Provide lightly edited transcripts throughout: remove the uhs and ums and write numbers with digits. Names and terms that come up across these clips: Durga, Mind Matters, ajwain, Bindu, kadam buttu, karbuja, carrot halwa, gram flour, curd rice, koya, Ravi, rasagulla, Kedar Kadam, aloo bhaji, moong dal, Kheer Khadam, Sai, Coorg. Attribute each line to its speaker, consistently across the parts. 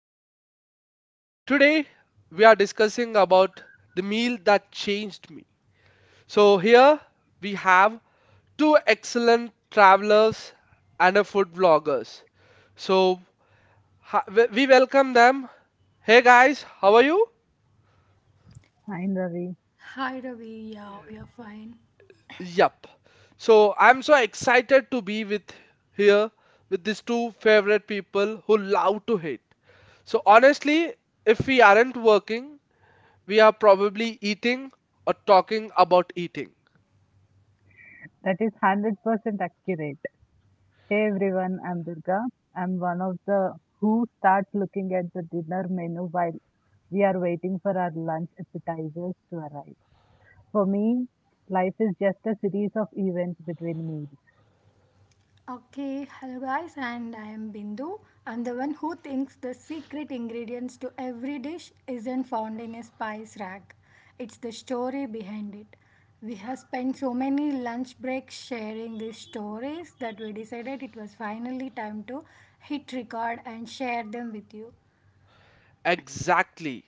Speaker 1: podcast. Today we are discussing about the meal that changed me. So here we have two excellent travelers and a food vloggers. So we welcome them. Hey guys, how are you?
Speaker 2: Fine, Ravi.
Speaker 3: Hi Ravi, yeah, we are fine.
Speaker 1: Yup. So I'm so excited to be with here with these two favorite people who love to hate. So honestly, if we aren't working, we are probably eating or talking about eating.
Speaker 2: That is 100% accurate. Hey everyone, I'm Durga. I'm one of the who start looking at the dinner menu while we are waiting for our lunch appetizers to arrive. For me, life is just a series of events between meals.
Speaker 3: Okay, hello guys, and I am Bindu. I'm the one who thinks the secret ingredients to every dish isn't found in a spice rack. It's the story behind it. We have spent so many lunch breaks sharing these stories that we decided it was finally time to hit record and share them with you.
Speaker 1: Exactly.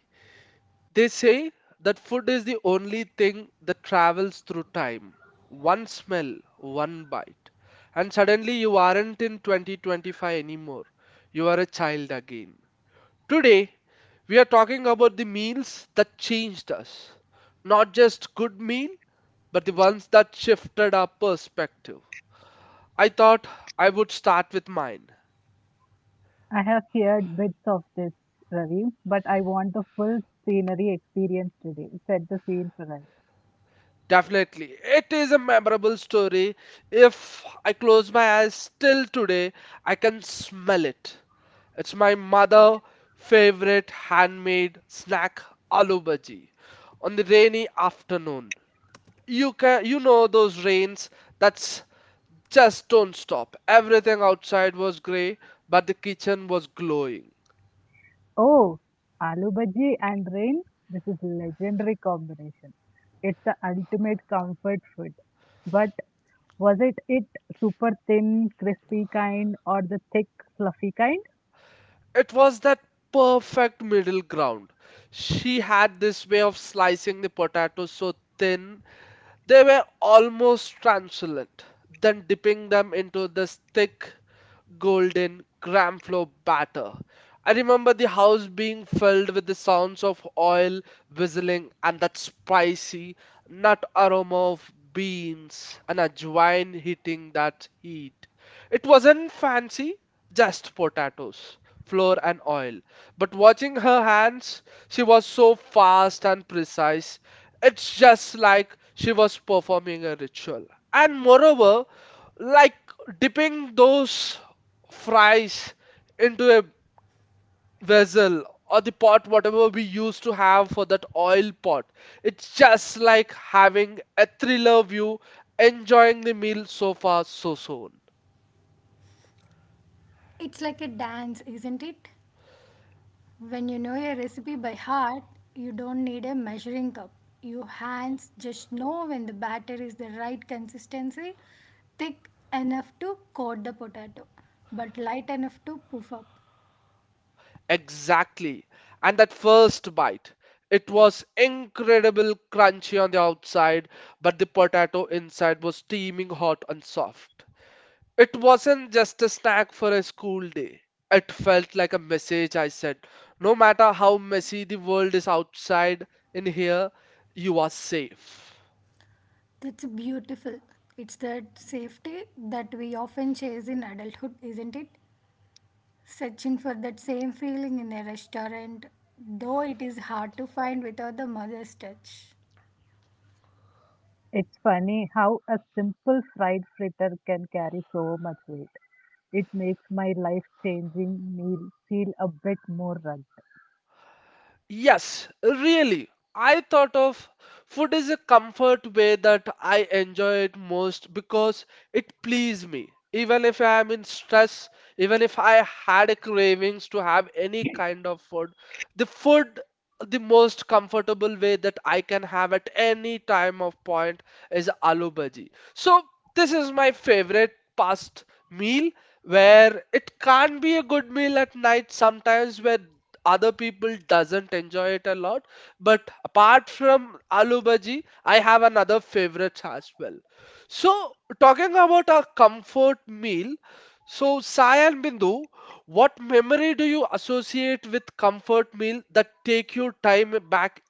Speaker 1: They say that food is the only thing that travels through time. One smell, one bite. And suddenly you aren't in 2025 anymore. You are a child again. Today, we are talking about the meals that changed us. Not just good meal, but the ones that shifted our perspective. I thought I would start with mine.
Speaker 2: I have heard bits of this, Ravi, but I want the full scenery experience today. Set the scene for us.
Speaker 1: Definitely. It is a memorable story. If I close my eyes still today, I can smell it. It's my mother' favorite handmade snack, aloo bhaji, on the rainy afternoon. You know those rains that's just don't stop. Everything outside was grey, but the kitchen was glowing.
Speaker 2: Oh, aloo bhaji and rain. This is legendary combination. It's the ultimate comfort food. But was it super thin, crispy kind or the thick, fluffy kind?
Speaker 1: It was that perfect middle ground. She had this way of slicing the potatoes so thin. They were almost translucent, then dipping them into this thick, golden gram flour batter. I remember the house being filled with the sounds of oil whistling and that spicy nut aroma of beans and ajwain hitting that heat. It wasn't fancy, just potatoes flour and oil. But watching her hands, she was so fast and precise. It's just like she was performing a ritual. And moreover, like dipping those fries into a vessel or the pot, whatever we used to have for that oil pot. It's just like having a thriller view, enjoying the meal so far, so soon.
Speaker 3: It's like a dance, isn't it? When you know a recipe by heart, you don't need a measuring cup. Your hands just know when the batter is the right consistency, thick enough to coat the potato, but light enough to puff up.
Speaker 1: Exactly. And that first bite, it was incredible crunchy on the outside, but the potato inside was steaming hot and soft. It wasn't just a snack for a school day. It felt like a message I said, no matter how messy the world is outside, in here, you are safe.
Speaker 3: That's beautiful. It's that safety that we often chase in adulthood, isn't it? Searching for that same feeling in a restaurant, though it is hard to find without the mother's touch.
Speaker 2: It's funny how a simple fried fritter can carry so much weight. It makes my life changing meal feel a bit more rugged.
Speaker 1: Yes, really. I thought of food is a comfort way that I enjoy it most because it please me. Even if I am in stress, even if I had a cravings to have any kind of food the most comfortable way that I can have at any time of point is aloo bhaji. So this is my favorite past meal where it can't be a good meal at night sometimes where other people doesn't enjoy it a lot, but apart from aloo bhaji, I have another favorite as well. So talking about a comfort meal, so Sai and Bindu, what memory do you associate with comfort meal that take your time back?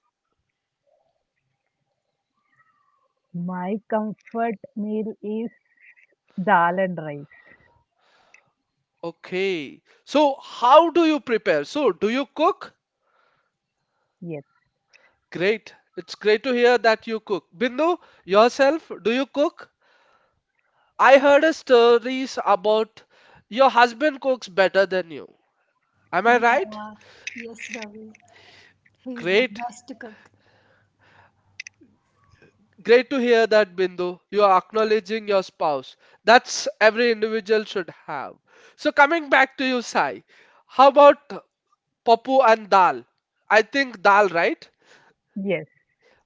Speaker 2: My comfort meal is dal and rice.
Speaker 1: Okay, so how do you prepare, so do you cook?
Speaker 2: Yes,
Speaker 1: Great, it's great to hear that you cook, Bindu. Yourself, do you cook? I heard a stories about your husband cooks better than you. Am I right?
Speaker 3: Yeah, yes, Ravi. He's the
Speaker 1: Great.
Speaker 3: best cook.
Speaker 1: Great to hear that, Bindu. You are acknowledging your spouse. That's every individual should have. So coming back to you, Sai. How about Papu and Dal? I think Dal, right?
Speaker 2: yes,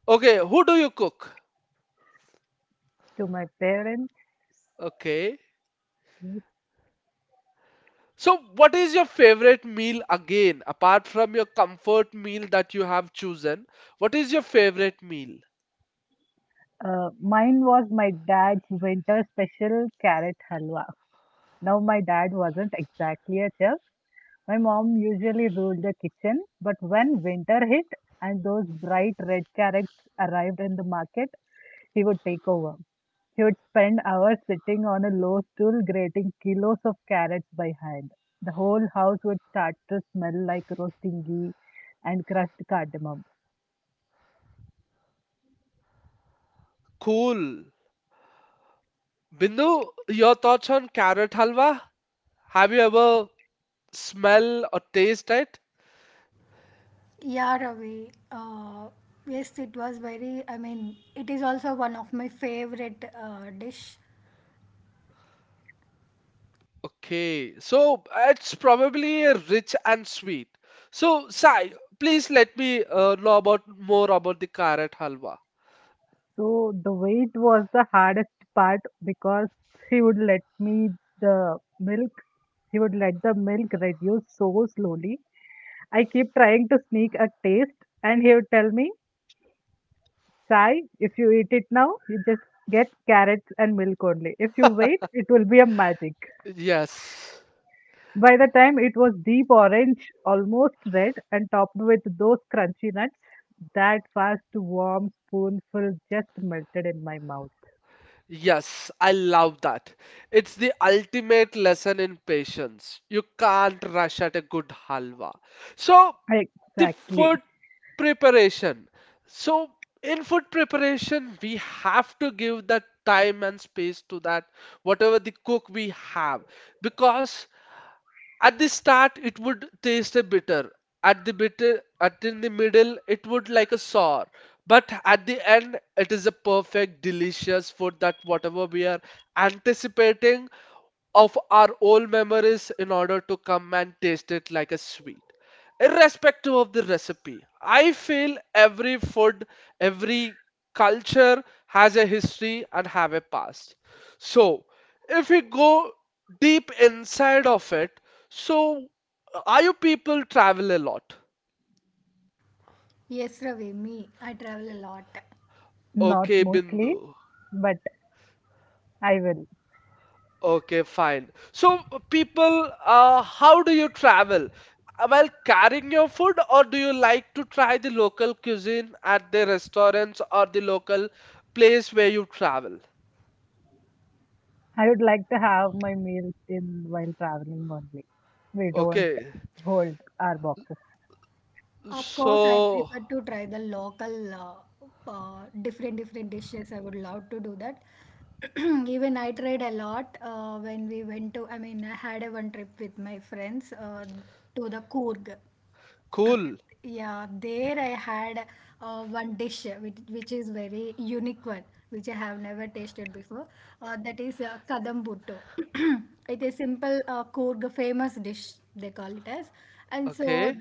Speaker 1: Okay, who do you cook?
Speaker 2: to my parents.
Speaker 1: Okay. So what is your favorite meal again, apart from your comfort meal that you have chosen? What is your favorite meal?
Speaker 2: Mine was my dad's winter special carrot halwa. Now, my dad wasn't exactly a chef. My mom usually ruled the kitchen, but when winter hit and those bright red carrots arrived in the market, he would take over. He would spend hours sitting on a low stool grating kilos of carrots by hand. The whole house would start to smell like roasting ghee and crushed cardamom.
Speaker 1: Cool. Bindu, your thoughts on carrot halwa? Have you ever smell or taste it?
Speaker 3: Yeah, Ravi. Yes, it was very. I mean, it is also one of my favorite dish.
Speaker 1: Okay, so it's probably a rich and sweet. So, Sai, please let me know about more about the carrot halwa.
Speaker 2: So the wait was the hardest part because he would let me the milk. He would let the milk reduce so slowly. I keep trying to sneak a taste, and he would tell me, "Sai, if you eat it now, you just get carrots and milk only. If you wait, it will be a magic."
Speaker 1: Yes.
Speaker 2: By the time it was deep orange, almost red, and topped with those crunchy nuts, that fast warm spoonful just melted in my mouth.
Speaker 1: Yes, I love that. It's the ultimate lesson in patience. You can't rush at a good halwa. So, the food
Speaker 2: Exactly.
Speaker 1: preparation. So, in food preparation, we have to give that time and space to that whatever the cook we have because at the start, it would taste a bitter. At the bitter, at in the middle, it would like a sour. But at the end, it is a perfect, delicious food that whatever we are anticipating of our old memories in order to come and taste it like a sweet irrespective of the recipe. I feel every food, every culture has a history and have a past. So, if we go deep inside of it, so are you people travel a lot?
Speaker 3: Yes, Ravi. Me, I travel a lot.
Speaker 2: Not
Speaker 1: Okay,
Speaker 2: mostly,
Speaker 1: Bindu.
Speaker 2: but I will.
Speaker 1: Okay, fine. So, people, how do you travel? While carrying your food, or do you like to try the local cuisine at the restaurants or the local place where you travel?
Speaker 2: I would like to have my meals in while traveling only. We don't
Speaker 1: Okay,
Speaker 2: hold our boxes.
Speaker 3: Of course, I
Speaker 1: so
Speaker 3: prefer to try the local, different dishes. I would love to do that. Even I tried a lot when we went to. I mean, I had a one trip with my friends to the Coorg. Okay.
Speaker 1: cool.
Speaker 3: Yeah, there I had one dish which is very unique one, which I have never tasted before. That is kadam buttu. It is simple kurg, famous dish they call it as. And so
Speaker 1: Okay,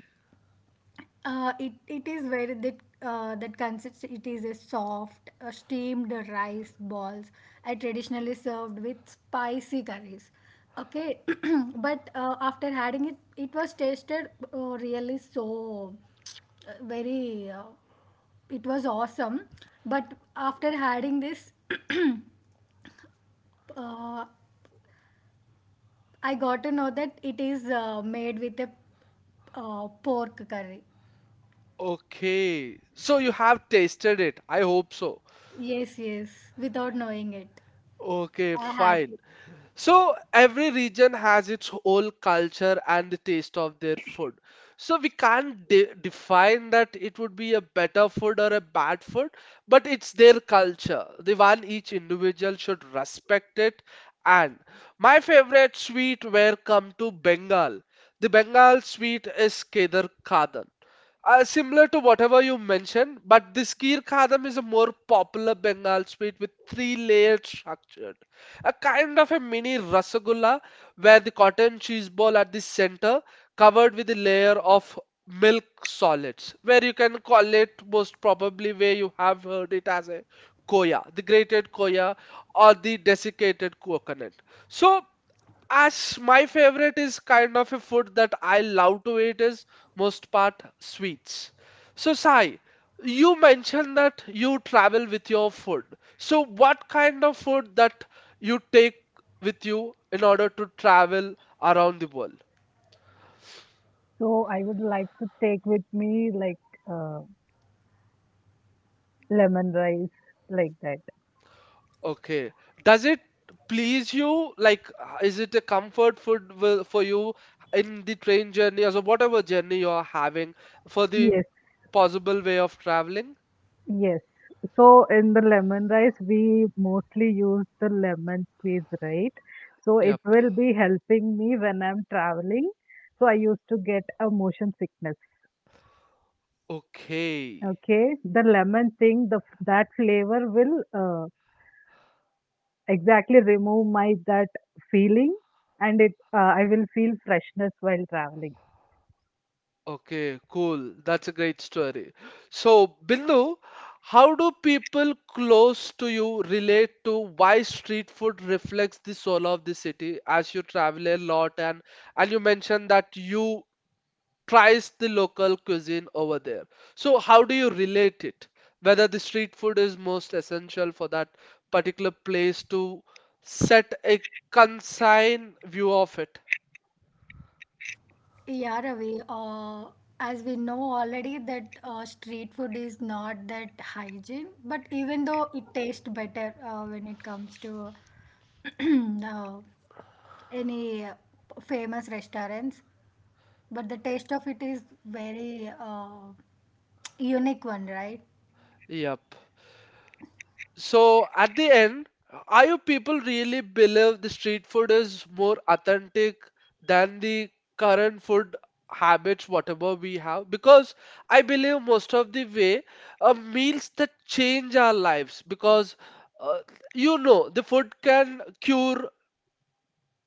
Speaker 3: it is very that that consists. It is a soft steamed rice balls, I traditionally served with spicy curries. Okay, but after having it, it was tasted really so very. It was awesome, but after having this, uh, I got to know that it is made with a pork curry.
Speaker 1: okay. So you have tasted it. I hope so.
Speaker 3: Yes, yes, without knowing it,
Speaker 1: Okay,
Speaker 3: I had
Speaker 1: fine.
Speaker 3: to.
Speaker 1: So every region has its whole culture and the taste of their food. So we can't define that it would be a better food or a bad food, but it's their culture. The one each individual should respect it. And my favorite sweet were come to Bengal. The Bengal sweet is Kedar Kadam. Similar to whatever you mentioned, but this Kheer Khadam is a more popular Bengal sweet with three layered structure, a kind of a mini rasagulla where the cotton cheese ball at the center covered with a layer of milk solids where you can call it most probably where you have heard it as a koya, the grated koya or the desiccated coconut. So as my favorite is kind of a food that I love to eat is most part sweets. So Sai, you mentioned that you travel with your food. So what kind of food that you take with you in order to travel around the world?
Speaker 2: So I would like to take with me like uh, lemon rice, like that.
Speaker 1: Okay. Does it please you? Like, is it a comfort food for you in the train journey or whatever journey you are having for the
Speaker 2: Yes,
Speaker 1: possible way of traveling?
Speaker 2: yes. So in the lemon rice, we mostly use the lemon squeeze, right? So it
Speaker 1: Yep.
Speaker 2: will be helping me when I'm traveling. So I used to get a motion sickness.
Speaker 1: Okay,
Speaker 2: Okay, the lemon thing, that flavor will exactly remove my that feeling, and it I will feel freshness while traveling.
Speaker 1: okay, cool. That's a great story. So, Bindu, how do people close to you relate to why street food reflects the soul of the city as you travel a lot and you mentioned that you tries the local cuisine over there. So, how do you relate it? Whether the street food is most essential for that particular place to set a consign view of it.
Speaker 3: Yeah, Ravi, as we know already that street food is not that hygiene, but even though it tastes better when it comes to uh, any famous restaurants, but the taste of it is very unique one, right?
Speaker 1: Yep. So at the end, are you people really believe the street food is more authentic than the current food habits, whatever we have? Because I believe most of the way meals that change our lives because uh, you know the food can cure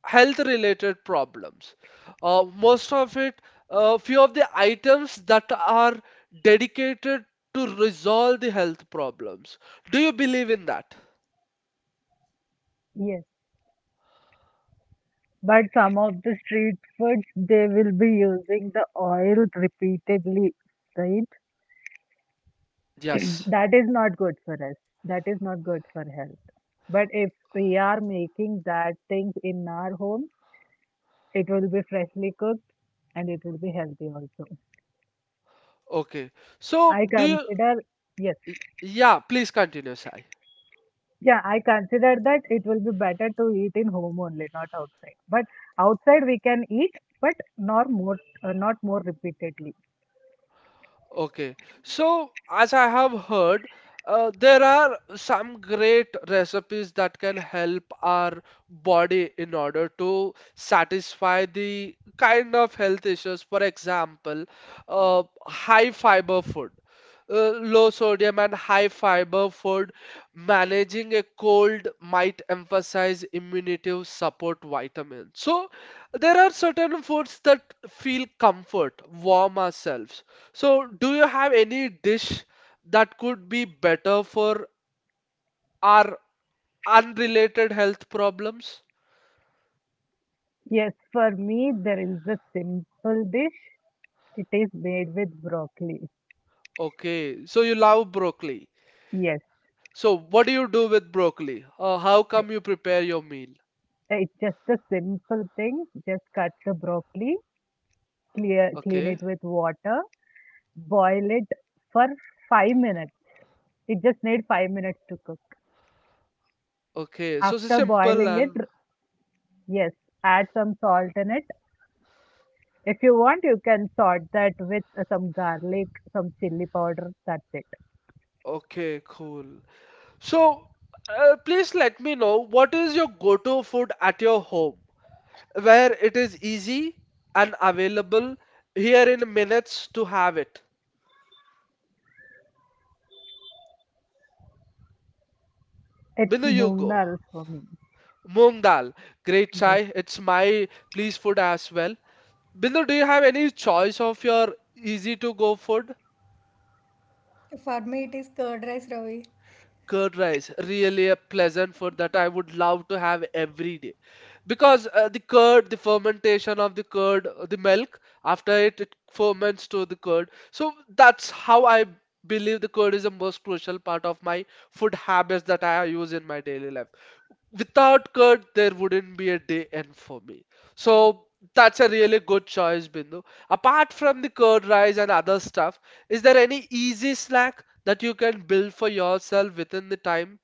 Speaker 1: health related problems. Most of it, few of the items that are dedicated to resolve the health problems. Do you believe in that?
Speaker 2: Yes, but some of the street foods they will be using the oil repeatedly, right?
Speaker 1: Yes.
Speaker 2: That is not good for us, that is not good for health, but if we are making that things in our home, it will be freshly cooked and it will be healthy also.
Speaker 1: Okay. So
Speaker 2: I
Speaker 1: do you?
Speaker 2: consider, yes.
Speaker 1: y- Yeah, please continue, Sai.
Speaker 2: Yeah, I consider that it will be better to eat in home only, not outside. But outside we can eat, but not more repeatedly.
Speaker 1: Okay, so as I have heard, there are some great recipes that can help our body in order to satisfy the kind of health issues. For example, high fiber food, low sodium and high fiber food. Managing a cold might emphasize immunity support vitamins. So there are certain foods that feel comfort, warm ourselves. So, do you have any dish that could be better for our unrelated health problems?
Speaker 2: Yes, for me there is a simple dish. It is made with broccoli.
Speaker 1: Okay, so you love broccoli.
Speaker 2: Yes,
Speaker 1: So, what do you do with broccoli? How come you prepare your meal?
Speaker 2: it's just a simple thing. Just cut the broccoli, clear, clean
Speaker 1: Okay,
Speaker 2: it with water, boil it for 5 minutes. It just need 5 minutes to cook.
Speaker 1: okay. So, it's
Speaker 2: After
Speaker 1: simple
Speaker 2: boiling it,
Speaker 1: and
Speaker 2: yes, add some salt in it. If you want, you can sort that with some garlic, some chili powder. That's it.
Speaker 1: okay, cool. So, please let me know what is your go-to food at your home where it is easy and available here in minutes to have it.
Speaker 2: It's
Speaker 1: Bindu, you
Speaker 2: moong
Speaker 1: go.
Speaker 2: dal for me.
Speaker 1: Moong dal, great
Speaker 2: Yes,
Speaker 1: chai. It's my please food as well. Bindu, do you have any choice of your easy to go food?
Speaker 3: For me, it is curd rice, Ravi.
Speaker 1: Curd rice, really a pleasant food that I would love to have every day. Because the curd, the fermentation of the curd, the milk, after it, it ferments to the curd. So that's how I believe the curd is the most crucial part of my food habits that I use in my daily life. Without curd, there wouldn't be a day end for me. So that's a really good choice, Bindu. Apart from the curd rice and other stuff, is there any easy snack that you can build for yourself within the time?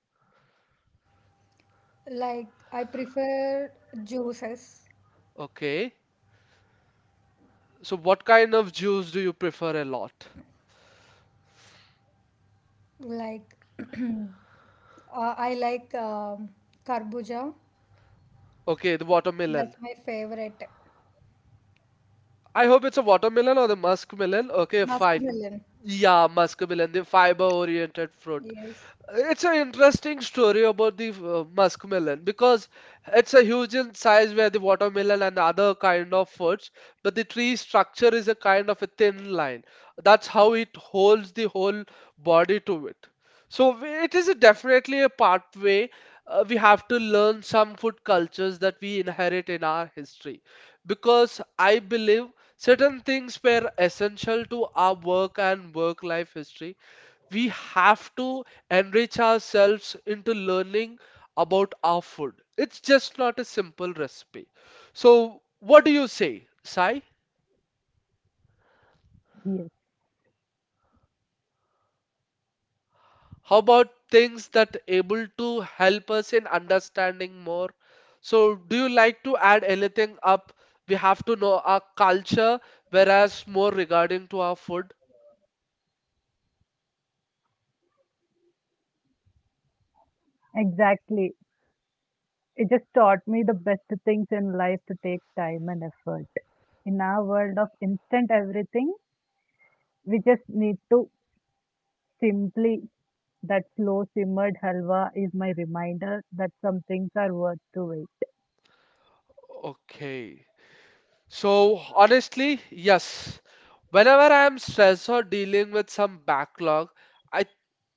Speaker 3: Like, I prefer juices.
Speaker 1: Okay. So what kind of juice do you prefer a lot?
Speaker 3: Like, I like karbuja.
Speaker 1: Okay, the watermelon.
Speaker 3: That's my favorite.
Speaker 1: I hope it's a watermelon or the muskmelon. Okay, fine.
Speaker 3: Masculine.
Speaker 1: Yeah, muskmelon, the fiber-oriented fruit.
Speaker 3: Yes.
Speaker 1: It's an interesting story about the muskmelon because it's a huge in size where the watermelon and other kind of fruits, but the tree structure is a kind of a thin line. That's how it holds the whole body to it. So it is a definitely a pathway. We have to learn some food cultures that we inherit in our history because I believe certain things were essential to our work and work life history we have to enrich ourselves into learning about our food. It's just not a simple recipe. So, what do you say, Sai?
Speaker 2: yes,
Speaker 1: How about things that able to help us in understanding more? So, do you like to add anything up? We have to know our culture, whereas more regarding to our food.
Speaker 2: exactly. It just taught me the best things in life to take time and effort. In our world of instant everything, we just need to simply that slow simmered halwa is my reminder that some things are worth to wait.
Speaker 1: Okay. So, honestly, yes. Whenever I am stressed or dealing with some backlog, I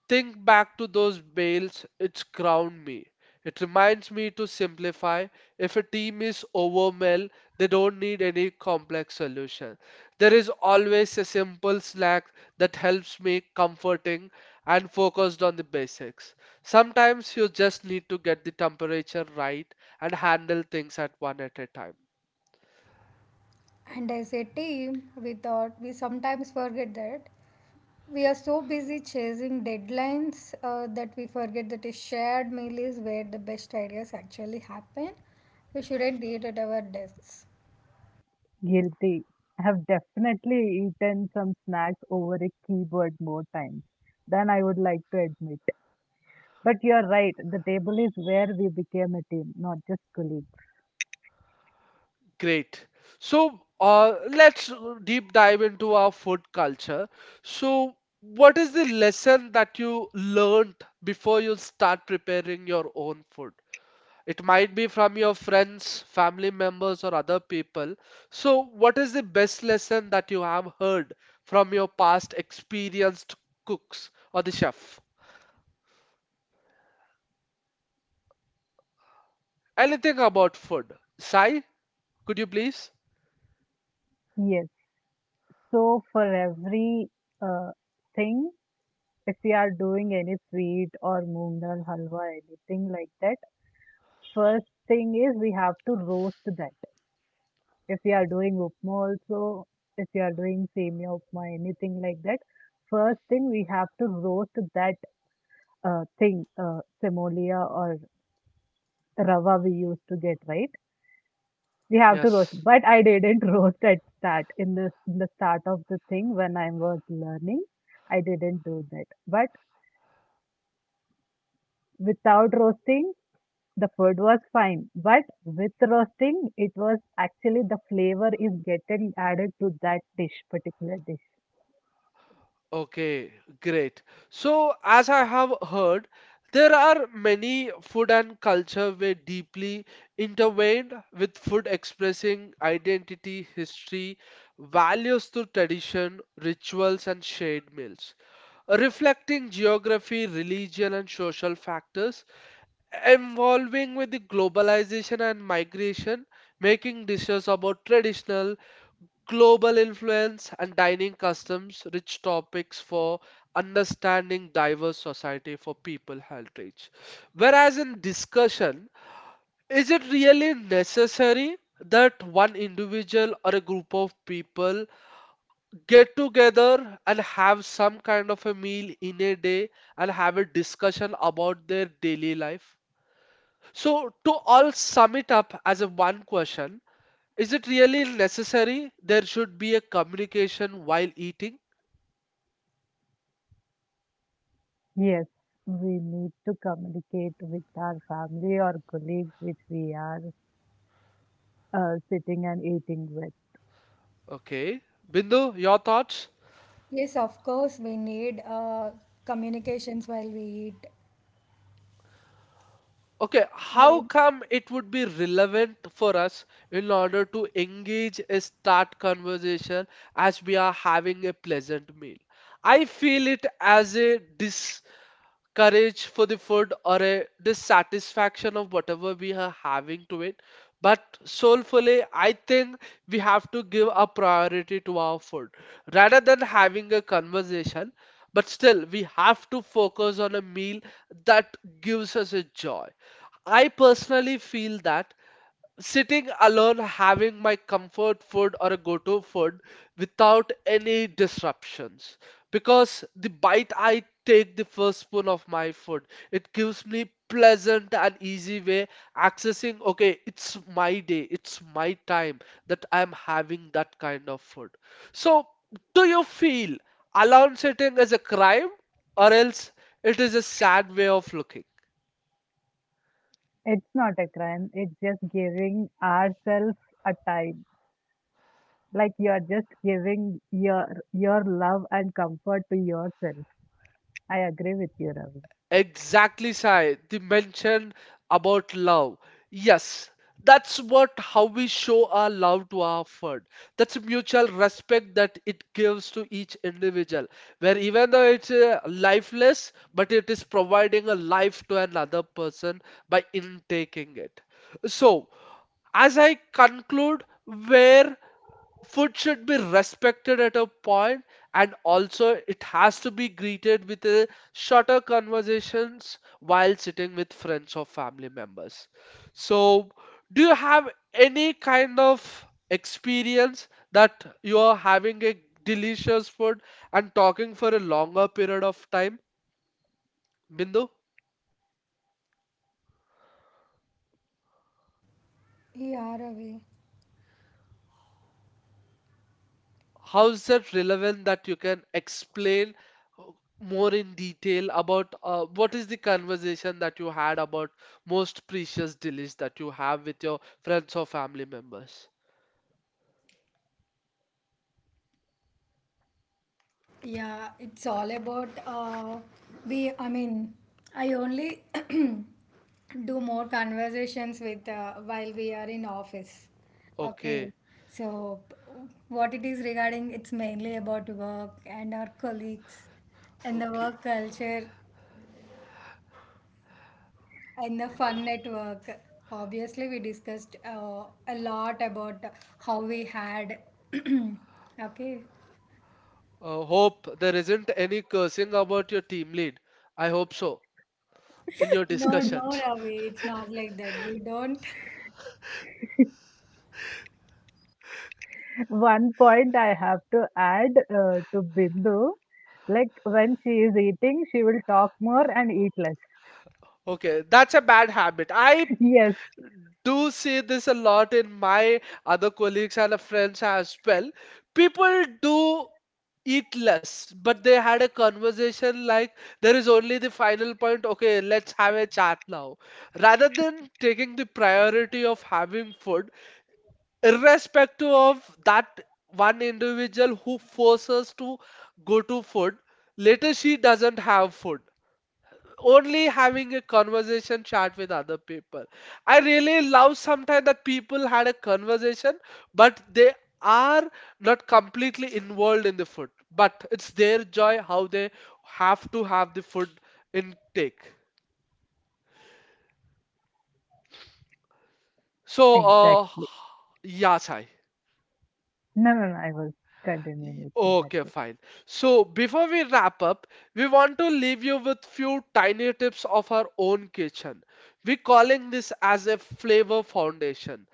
Speaker 1: think back to those bales, it's ground me. It reminds me to simplify. If a team is overwhelmed, they don't need any complex solution. There is always a simple snack that helps me comforting and focused on the basics. Sometimes you just need to get the temperature right and handle things at one at a time.
Speaker 3: And as a team, we thought we sometimes forget that. We are so busy chasing deadlines that we forget that a shared meal is where the best ideas actually happen. We shouldn't eat at our desks.
Speaker 2: Guilty. I have definitely eaten some snacks over a keyboard more times than I would like to admit. But you're right, the table is where we became a team, not just colleagues.
Speaker 1: Great. So let's deep dive into our food culture. So, what is the lesson that you learned before you start preparing your own food? It might be from your friends, family members, or other people. So, what is the best lesson that you have heard from your past experienced cooks or the chef? Anything about food? Sai, could you please?
Speaker 2: Yes. So for every uh, thing, if we are doing any sweet or moong dal halwa, anything like that, first thing is we have to roast that. If we are doing upma also, if we are doing semia upma, anything like that, first thing we have to roast that thing, semolia or rava we used to get, right? We have to roast,
Speaker 1: Yes.
Speaker 2: but I didn't roast at start in the start of the thing when I was learning. I didn't do that, but without roasting, the food was fine. But with roasting, it was actually the flavor is getting added to that dish, particular dish.
Speaker 1: Okay, great. So, as I have heard, there are many food and culture were deeply intertwined with food expressing identity, history, values through tradition, rituals, and shared meals, reflecting geography, religion, and social factors, evolving with the globalization and migration, making dishes about traditional global influence and dining customs, rich topics for understanding diverse society for people heritage. Whereas in discussion, is it really necessary that one individual or a group of people get together and have some kind of a meal in a day and have a discussion about their daily life? So, to all sum it up as a one question, is it really necessary? There should be a communication while eating.
Speaker 2: Yes, we need to communicate with our family or colleagues which we are sitting and eating with.
Speaker 1: Okay. Bindu, your thoughts?
Speaker 3: Yes, of course, we need communications while we eat.
Speaker 1: Okay,
Speaker 3: Where,
Speaker 1: how come it would be relevant for us in order to engage a start conversation as we are having a pleasant meal? I feel it as a dis courage for the food or a dissatisfaction of whatever we are having to it. But soulfully, I think we have to give a priority to our food rather than having a conversation. But still, we have to focus on a meal that gives us a joy. I personally feel that sitting alone having my comfort food or a go-to food without any disruptions, because the bite I take, the first spoon of my food, it gives me pleasant and easy way accessing, okay, it's my day, it's my time that I'm having that kind of food. So, do you feel alone sitting is a crime, or else it is a sad way of looking?
Speaker 2: It's not a crime. It's just giving ourselves a time. Like you're just giving your love and comfort to yourself. I agree with you, Ravi.
Speaker 1: Exactly, Sai. The mention about love. Yes, that's what how we show our love to our friend. That's a mutual respect that it gives to each individual. Where even though it's lifeless, but it is providing a life to another person by intaking it. So as I conclude, where food should be respected at a point, and also it has to be greeted with a shorter conversations while sitting with friends or family members. So, do you have any kind of experience that you are having a delicious food and talking for a longer period of time, Bindu?
Speaker 3: yeah, Ravi.
Speaker 1: How is that relevant that you can explain uh, more in detail about what is the conversation that you had about most precious delish that you have with your friends or family members?
Speaker 3: Yeah, it's all about we. I mean, I only do more conversations with while we are in office. Okay,
Speaker 1: Okay,
Speaker 3: so what it is regarding, it's mainly about work and our colleagues and the
Speaker 1: okay.
Speaker 3: work culture and the fun network. Obviously, we discussed a lot about how we had. Okay.
Speaker 1: Hope there isn't any cursing about your team lead. I hope so in your
Speaker 3: No, no,
Speaker 1: discussions.
Speaker 3: Ravi, it's not like that. We don't.
Speaker 2: One point I have to add to Bindu, like when she is eating, she will talk more and eat less.
Speaker 1: Okay, that's a bad habit. I
Speaker 2: Yes,
Speaker 1: do see this a lot in my other colleagues and friends as well. People do eat less, but they had a conversation like there is only the final point, okay, let's have a chat now. Rather than taking the priority of having food, irrespective of that one individual who forces to go to food, later she doesn't have food, only having a conversation chat with other people. I really love sometimes that people had a conversation, but they are not completely involved in the food. But it's their joy how they have to have the food intake. So,
Speaker 2: exactly.
Speaker 1: yeah, Sai.
Speaker 2: No, no, no. I was continuing with you. That's
Speaker 1: Okay,
Speaker 2: it.
Speaker 1: fine. So before we wrap up, we want to leave you with few tiny tips of our own kitchen. We're calling this as a flavor foundation.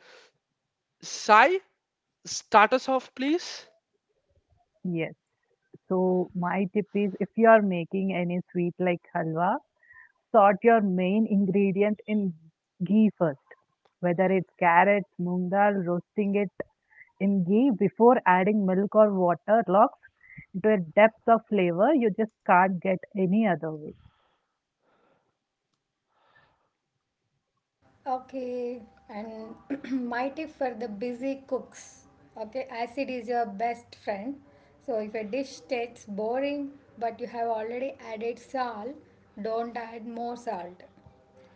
Speaker 1: Sai, start us off, please.
Speaker 2: Yes. So my tip is, if you are making any sweet like halwa, sort your main ingredient in ghee first, whether it's carrots, moong dal, roasting it in ghee before adding milk or water locks into a depth of flavor you just can't get any other way.
Speaker 3: Okay, and my tip for the busy cooks. Okay, acid is your best friend. So if a dish tastes boring but you have already added salt, don't add more salt.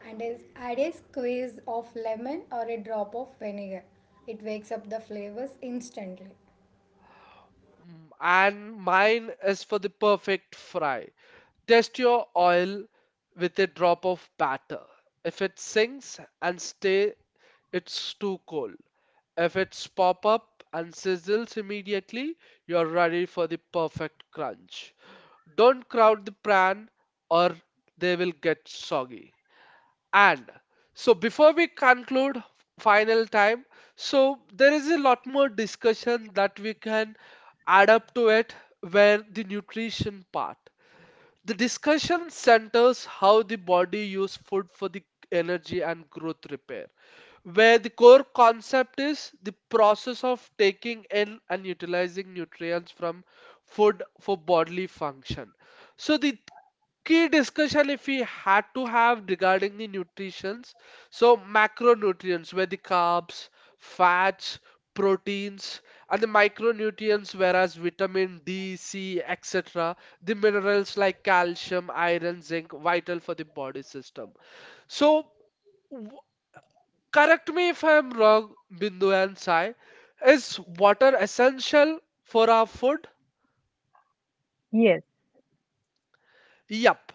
Speaker 3: Add a squeeze of lemon or a drop of vinegar. It wakes up the flavors instantly.
Speaker 1: Mm, and mine is for the perfect fry. Test your oil with a drop of batter. If it sinks and stay, it's too cold. If it's pop up and sizzles immediately, you're ready for the perfect crunch. Don't crowd the pan or they will get soggy. And so before we conclude final time, so there is a lot more discussion that we can add up to it where the nutrition part. The discussion centers how the body uses food for the energy and growth repair, where the core concept is the process of taking in and utilizing nutrients from food for bodily function. So the key discussion if we had to have regarding the nutritions, so macronutrients where the carbs, fats, proteins, and the micronutrients whereas vitamin D, C etc., the minerals like calcium, iron, zinc, vital for the body system. So, w- correct me if I am wrong, Bindu and Sai. Is water essential for our food?
Speaker 2: Yes,
Speaker 1: Yup.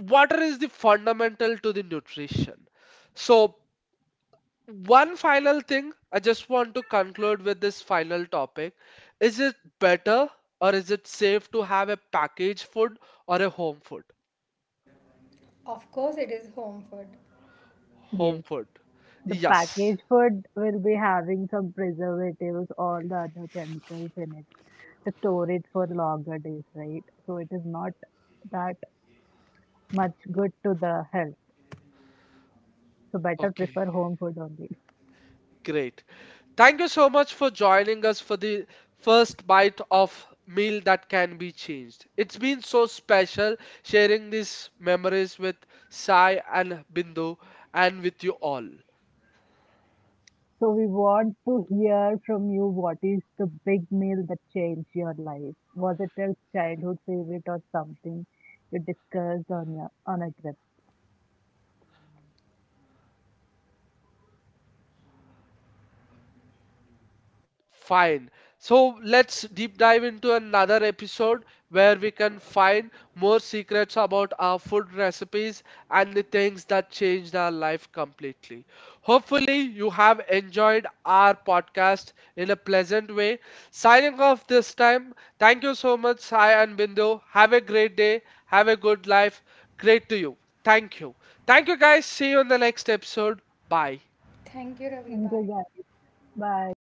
Speaker 1: Water is the fundamental to the nutrition. So, one final thing I just want to conclude with this final topic. Is it better or is it safe to have a packaged food or a home food?
Speaker 3: Of course, it is home food.
Speaker 1: Home
Speaker 2: yes.
Speaker 1: food.
Speaker 2: The
Speaker 1: Yes.
Speaker 2: packaged food will be having some preservatives, all the other chemicals in it to store it for longer days, right? So it is not that much good to the health. So better
Speaker 1: Okay,
Speaker 2: prefer home food only.
Speaker 1: great. Thank you so much for joining us for the first bite of meal that can be changed. It's been so special sharing these memories with Sai and Bindu and with you all.
Speaker 2: So we want to hear from you, what is the big meal that changed your life? Was it a childhood favorite or something you discussed on a trip?
Speaker 1: Fine. So let's deep dive into another episode where we can find more secrets about our food recipes and the things that changed our life completely. Hopefully, you have enjoyed our podcast in a pleasant way. Signing off this time. Thank you so much, Sai and Bindu. Have a great day. Have a good life. Great to you. Thank you. Thank you, guys. See you in the next episode. Bye.
Speaker 3: Thank you, Ravi.
Speaker 2: Thank you
Speaker 3: Bye.
Speaker 2: guys. Bye.